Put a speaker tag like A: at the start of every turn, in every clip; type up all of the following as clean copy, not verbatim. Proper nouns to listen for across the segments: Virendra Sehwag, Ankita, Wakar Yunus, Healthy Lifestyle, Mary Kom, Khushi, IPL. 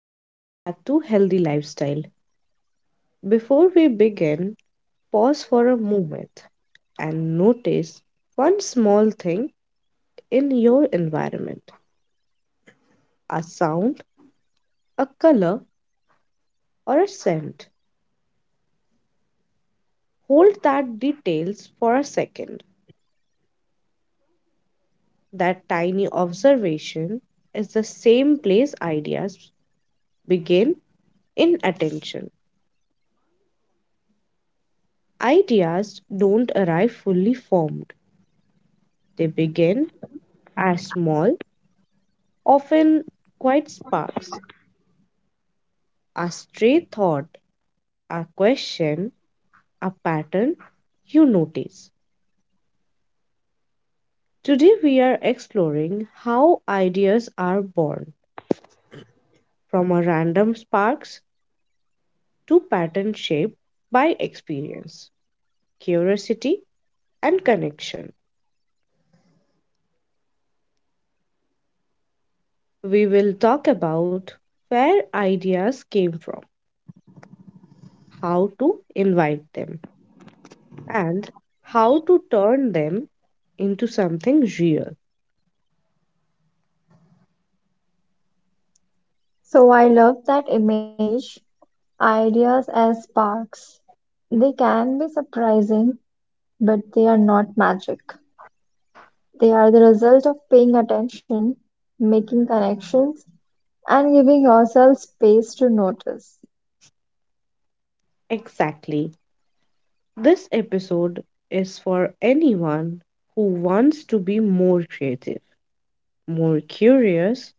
A: Welcome back to Healthy Lifestyle. Before we begin, pause for a moment and notice one small thing in your environment, a sound, a color, or a scent. Hold that details for a second. That tiny observation is the same place ideas begin in attention. Ideas don't arrive fully formed, they begin as small, often quite sparks. A stray thought, a question, a pattern you notice. Today, we are exploring how ideas are born from a random sparks to pattern shaped by experience, curiosity, and connection. We will talk about where ideas came from, how to invite them, and how to turn them into something real.
B: So I love that image. Ideas as sparks. They can be surprising, but they are not magic. They are the result of paying attention, making connections, and giving yourself space to notice.
A: Exactly. This episode is for anyone who wants to be more creative, more curious,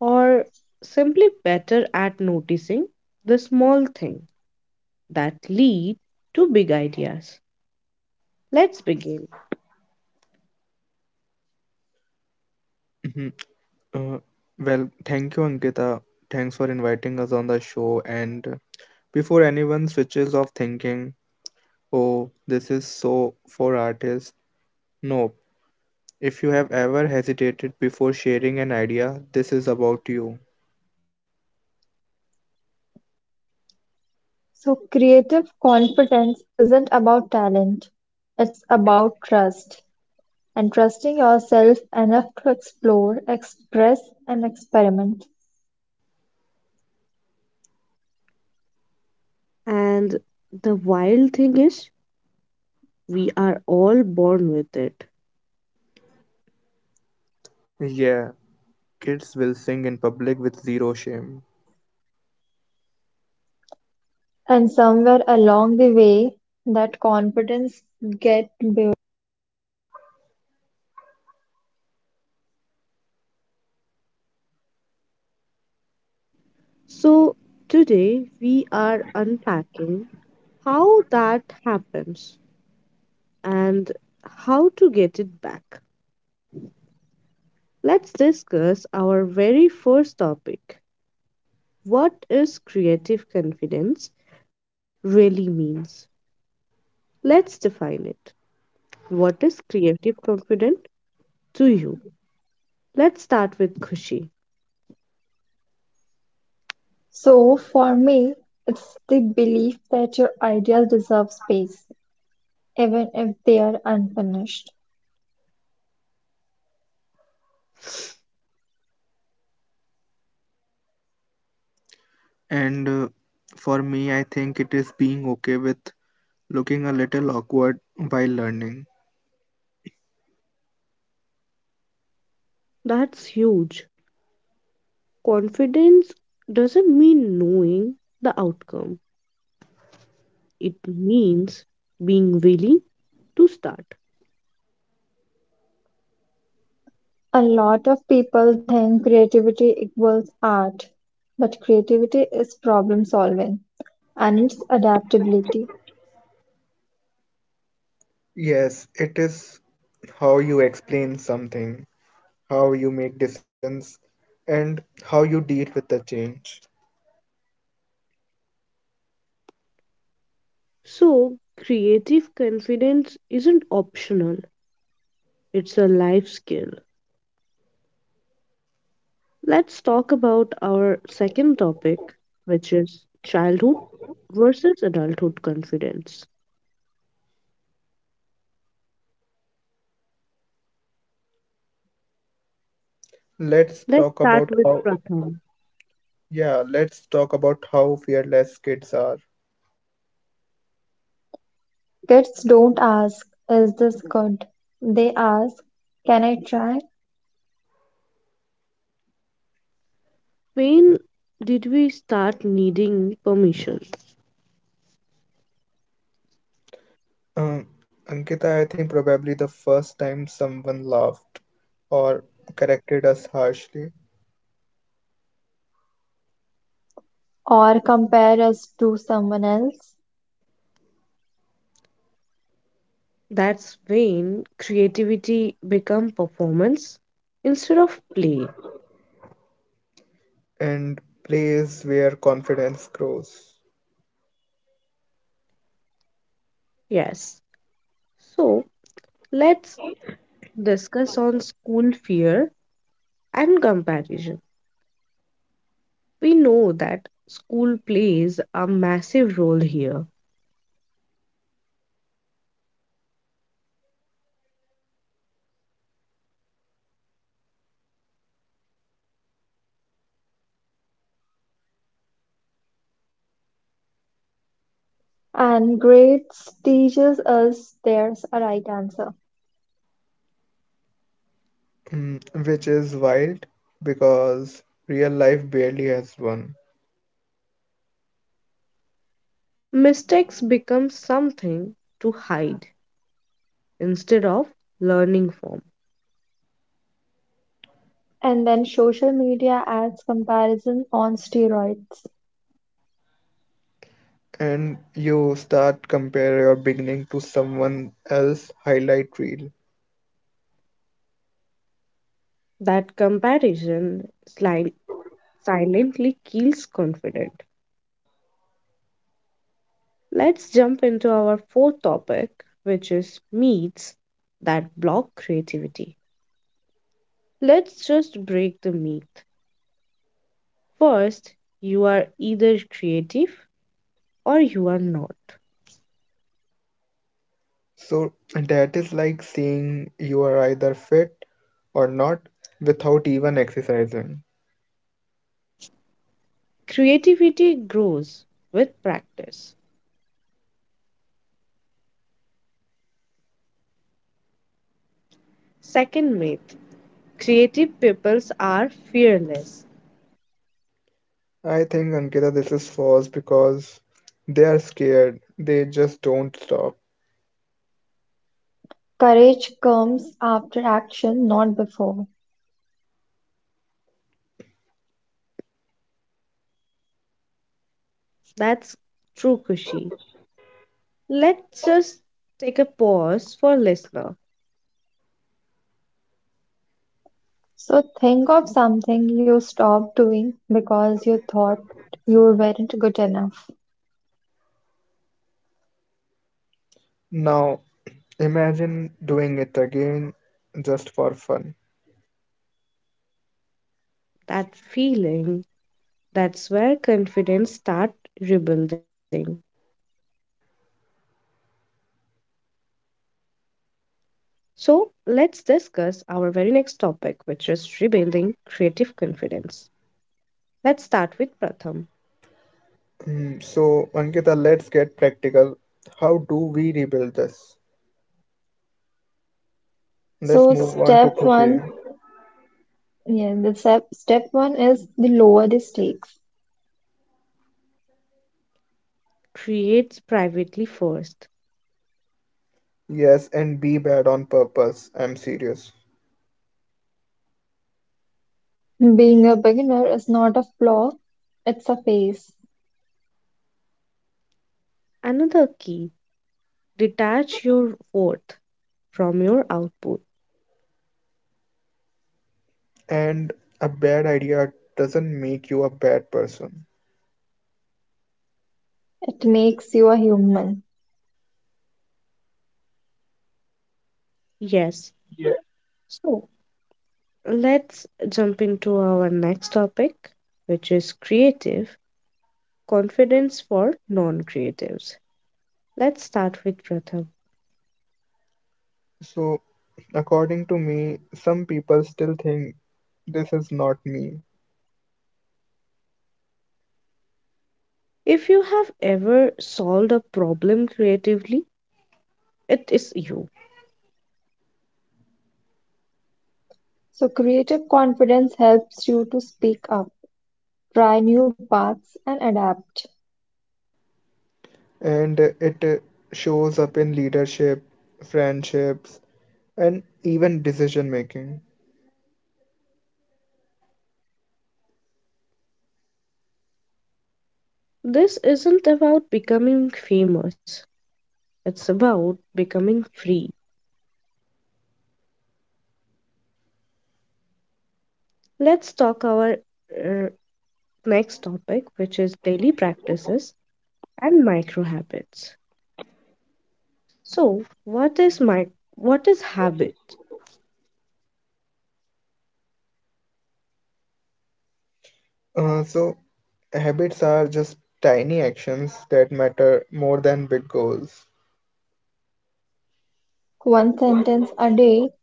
A: or simply better at noticing the small thing that lead to big ideas. Let's begin.
C: Mhm. Uh, well, thank you, Ankita. Thanks for inviting us on the show. And before anyone switches off thinking, oh, this is so for artists, no. If you have ever hesitated before sharing an idea, this is about you.
B: So, creative confidence isn't about talent, it's about trust and trusting yourself enough to explore, express, and experiment.
A: And the wild thing is, we are all born with it.
C: Yeah, kids will sing in public with zero shame.
B: And somewhere along the way, that confidence get built.
A: So today we are unpacking how that happens and how to get it back. Let's discuss our very first topic, what is creative confidence really means? Let's define it. What is creative confidence to you? Let's start with Khushi.
B: So for me, it's the belief that your ideas deserve space, even if they are unfinished.
C: And For me, I think it is being okay with looking a little awkward while learning.
A: That's huge. Confidence doesn't mean knowing the outcome, it means being willing to start.
B: A lot of people think creativity equals art, but creativity is problem solving and it's adaptability.
C: Yes, it is how you explain something, how you make decisions, and how you deal with the change.
A: So, creative confidence isn't optional, it's a life skill. Let's talk about our second topic, which is childhood versus adulthood confidence.
C: Let's
A: Let's
C: talk
A: start
C: about
A: with
C: how,
A: Pratham.
C: Yeah, let's talk about how fearless kids are.
B: Kids don't ask, is this good? They ask, can I try?
A: When did we start needing permission?
C: Um, Ankita, I think probably the first time someone laughed or corrected us harshly,
B: Or compare us to someone else.
A: That's when creativity become performance instead of play.
C: and plays where confidence grows.
A: Yes. So let's discuss on school fear and comparison. We know that school plays a massive role here.
B: And grades teaches us there's a right answer.
C: Mm, which is wild because real life barely has one.
A: Mistakes become something to hide instead of learning from.
B: And then social media adds comparison on steroids.
C: And you start compare your beginning to someone else highlight reel.
A: That comparison sli- silently kills confidence. Let's jump into our fourth topic, which is myths that block creativity. Let's just break the myth. First, you are either creative or you are not.
C: So that is like saying you are either fit or not without even exercising.
A: Creativity grows with practice. Second myth, creative peoples are fearless.
C: I think Ankita, this is false because they are scared. They just don't stop.
B: Courage comes after action, not before.
A: That's true, Kushi. Let's just take a pause for listener.
B: So think of something you stopped doing because you thought you weren't good enough.
C: Now imagine doing it again just for fun.
A: That feeling, that's where confidence start rebuilding. So let's discuss our very next topic, which is rebuilding creative confidence. Let's start with Pratham.
C: So Ankita, let's get practical. How do we rebuild this? Let's
B: So
C: move on to
B: step
C: Khushi.
B: one, yeah, the step one is the lower the stakes.
A: Create privately first.
C: Yes, and be bad on purpose. I'm serious.
B: Being a beginner is not a flaw, it's a phase.
A: Another key, detach your worth from your output.
C: And a bad idea doesn't make you a bad person.
B: It makes you a human.
A: Yes.
C: Yeah.
A: So let's jump into our next topic, which is creative confidence for non creatives. Let's start with Pratham.
C: So, according to me, some people still think this is not me,
A: If you have ever solved a problem creatively, it is you.
B: So creative confidence helps you to speak up, try new paths, and adapt.
C: and it shows up in leadership, friendships, and even decision making.
A: This isn't about becoming famous, it's about becoming free. Let's talk our uh, next topic, which is daily practices and micro habits. So, what is habit?
C: Uh, so, Habits are just tiny actions that matter more than big goals,
B: One sentence a day,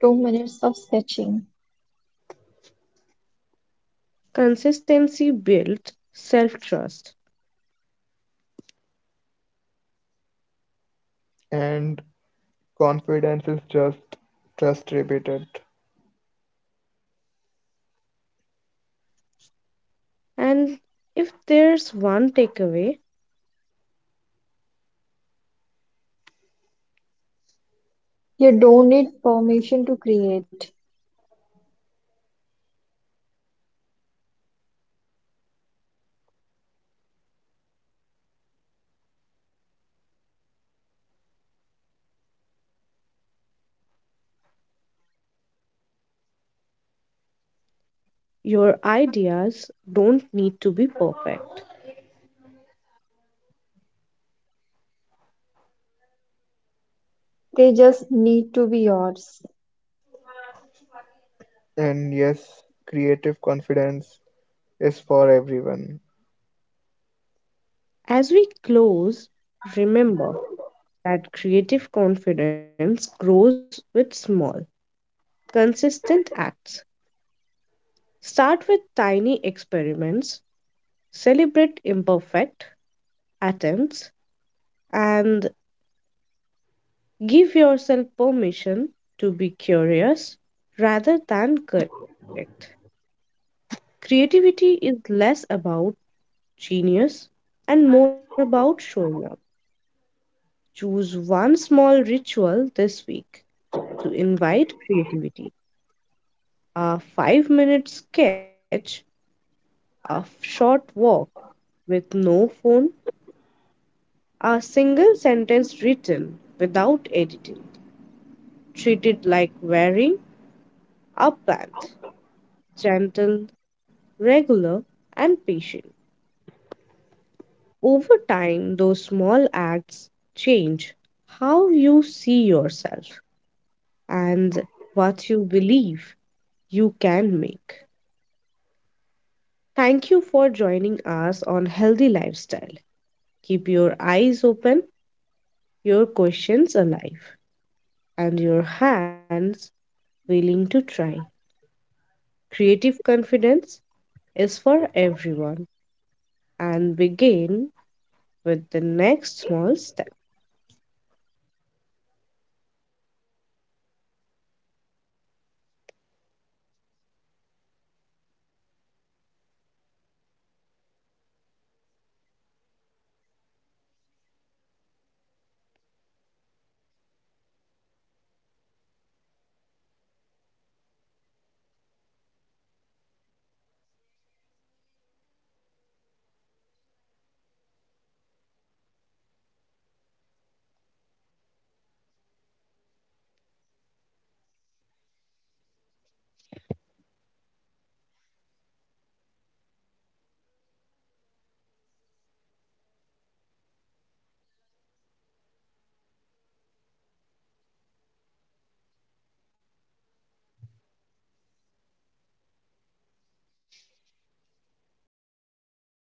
B: 2 minutes of sketching.
A: Consistency builds self trust.
C: and confidence is just trust repeated.
A: And if there's one takeaway,
B: You don't need permission to create,
A: your ideas don't need to be perfect.
B: they just need to be yours.
C: And yes, creative confidence is for everyone.
A: As we close, remember that creative confidence grows with small, consistent acts. Start with tiny experiments, celebrate imperfect attempts, and give yourself permission to be curious rather than correct. Creativity is less about genius and more about showing up. Choose one small ritual this week to invite creativity, a 5-minute sketch, a short walk with no phone, a single sentence written without editing. Treat it like wearing a plant, gentle, regular, and patient. Over time, those small acts change how you see yourself and what you believe you can make. Thank you for joining us on Healthy Lifestyle. Keep your eyes open, your questions alive, and your hands willing to try. Creative confidence is for everyone and begin with the next small step.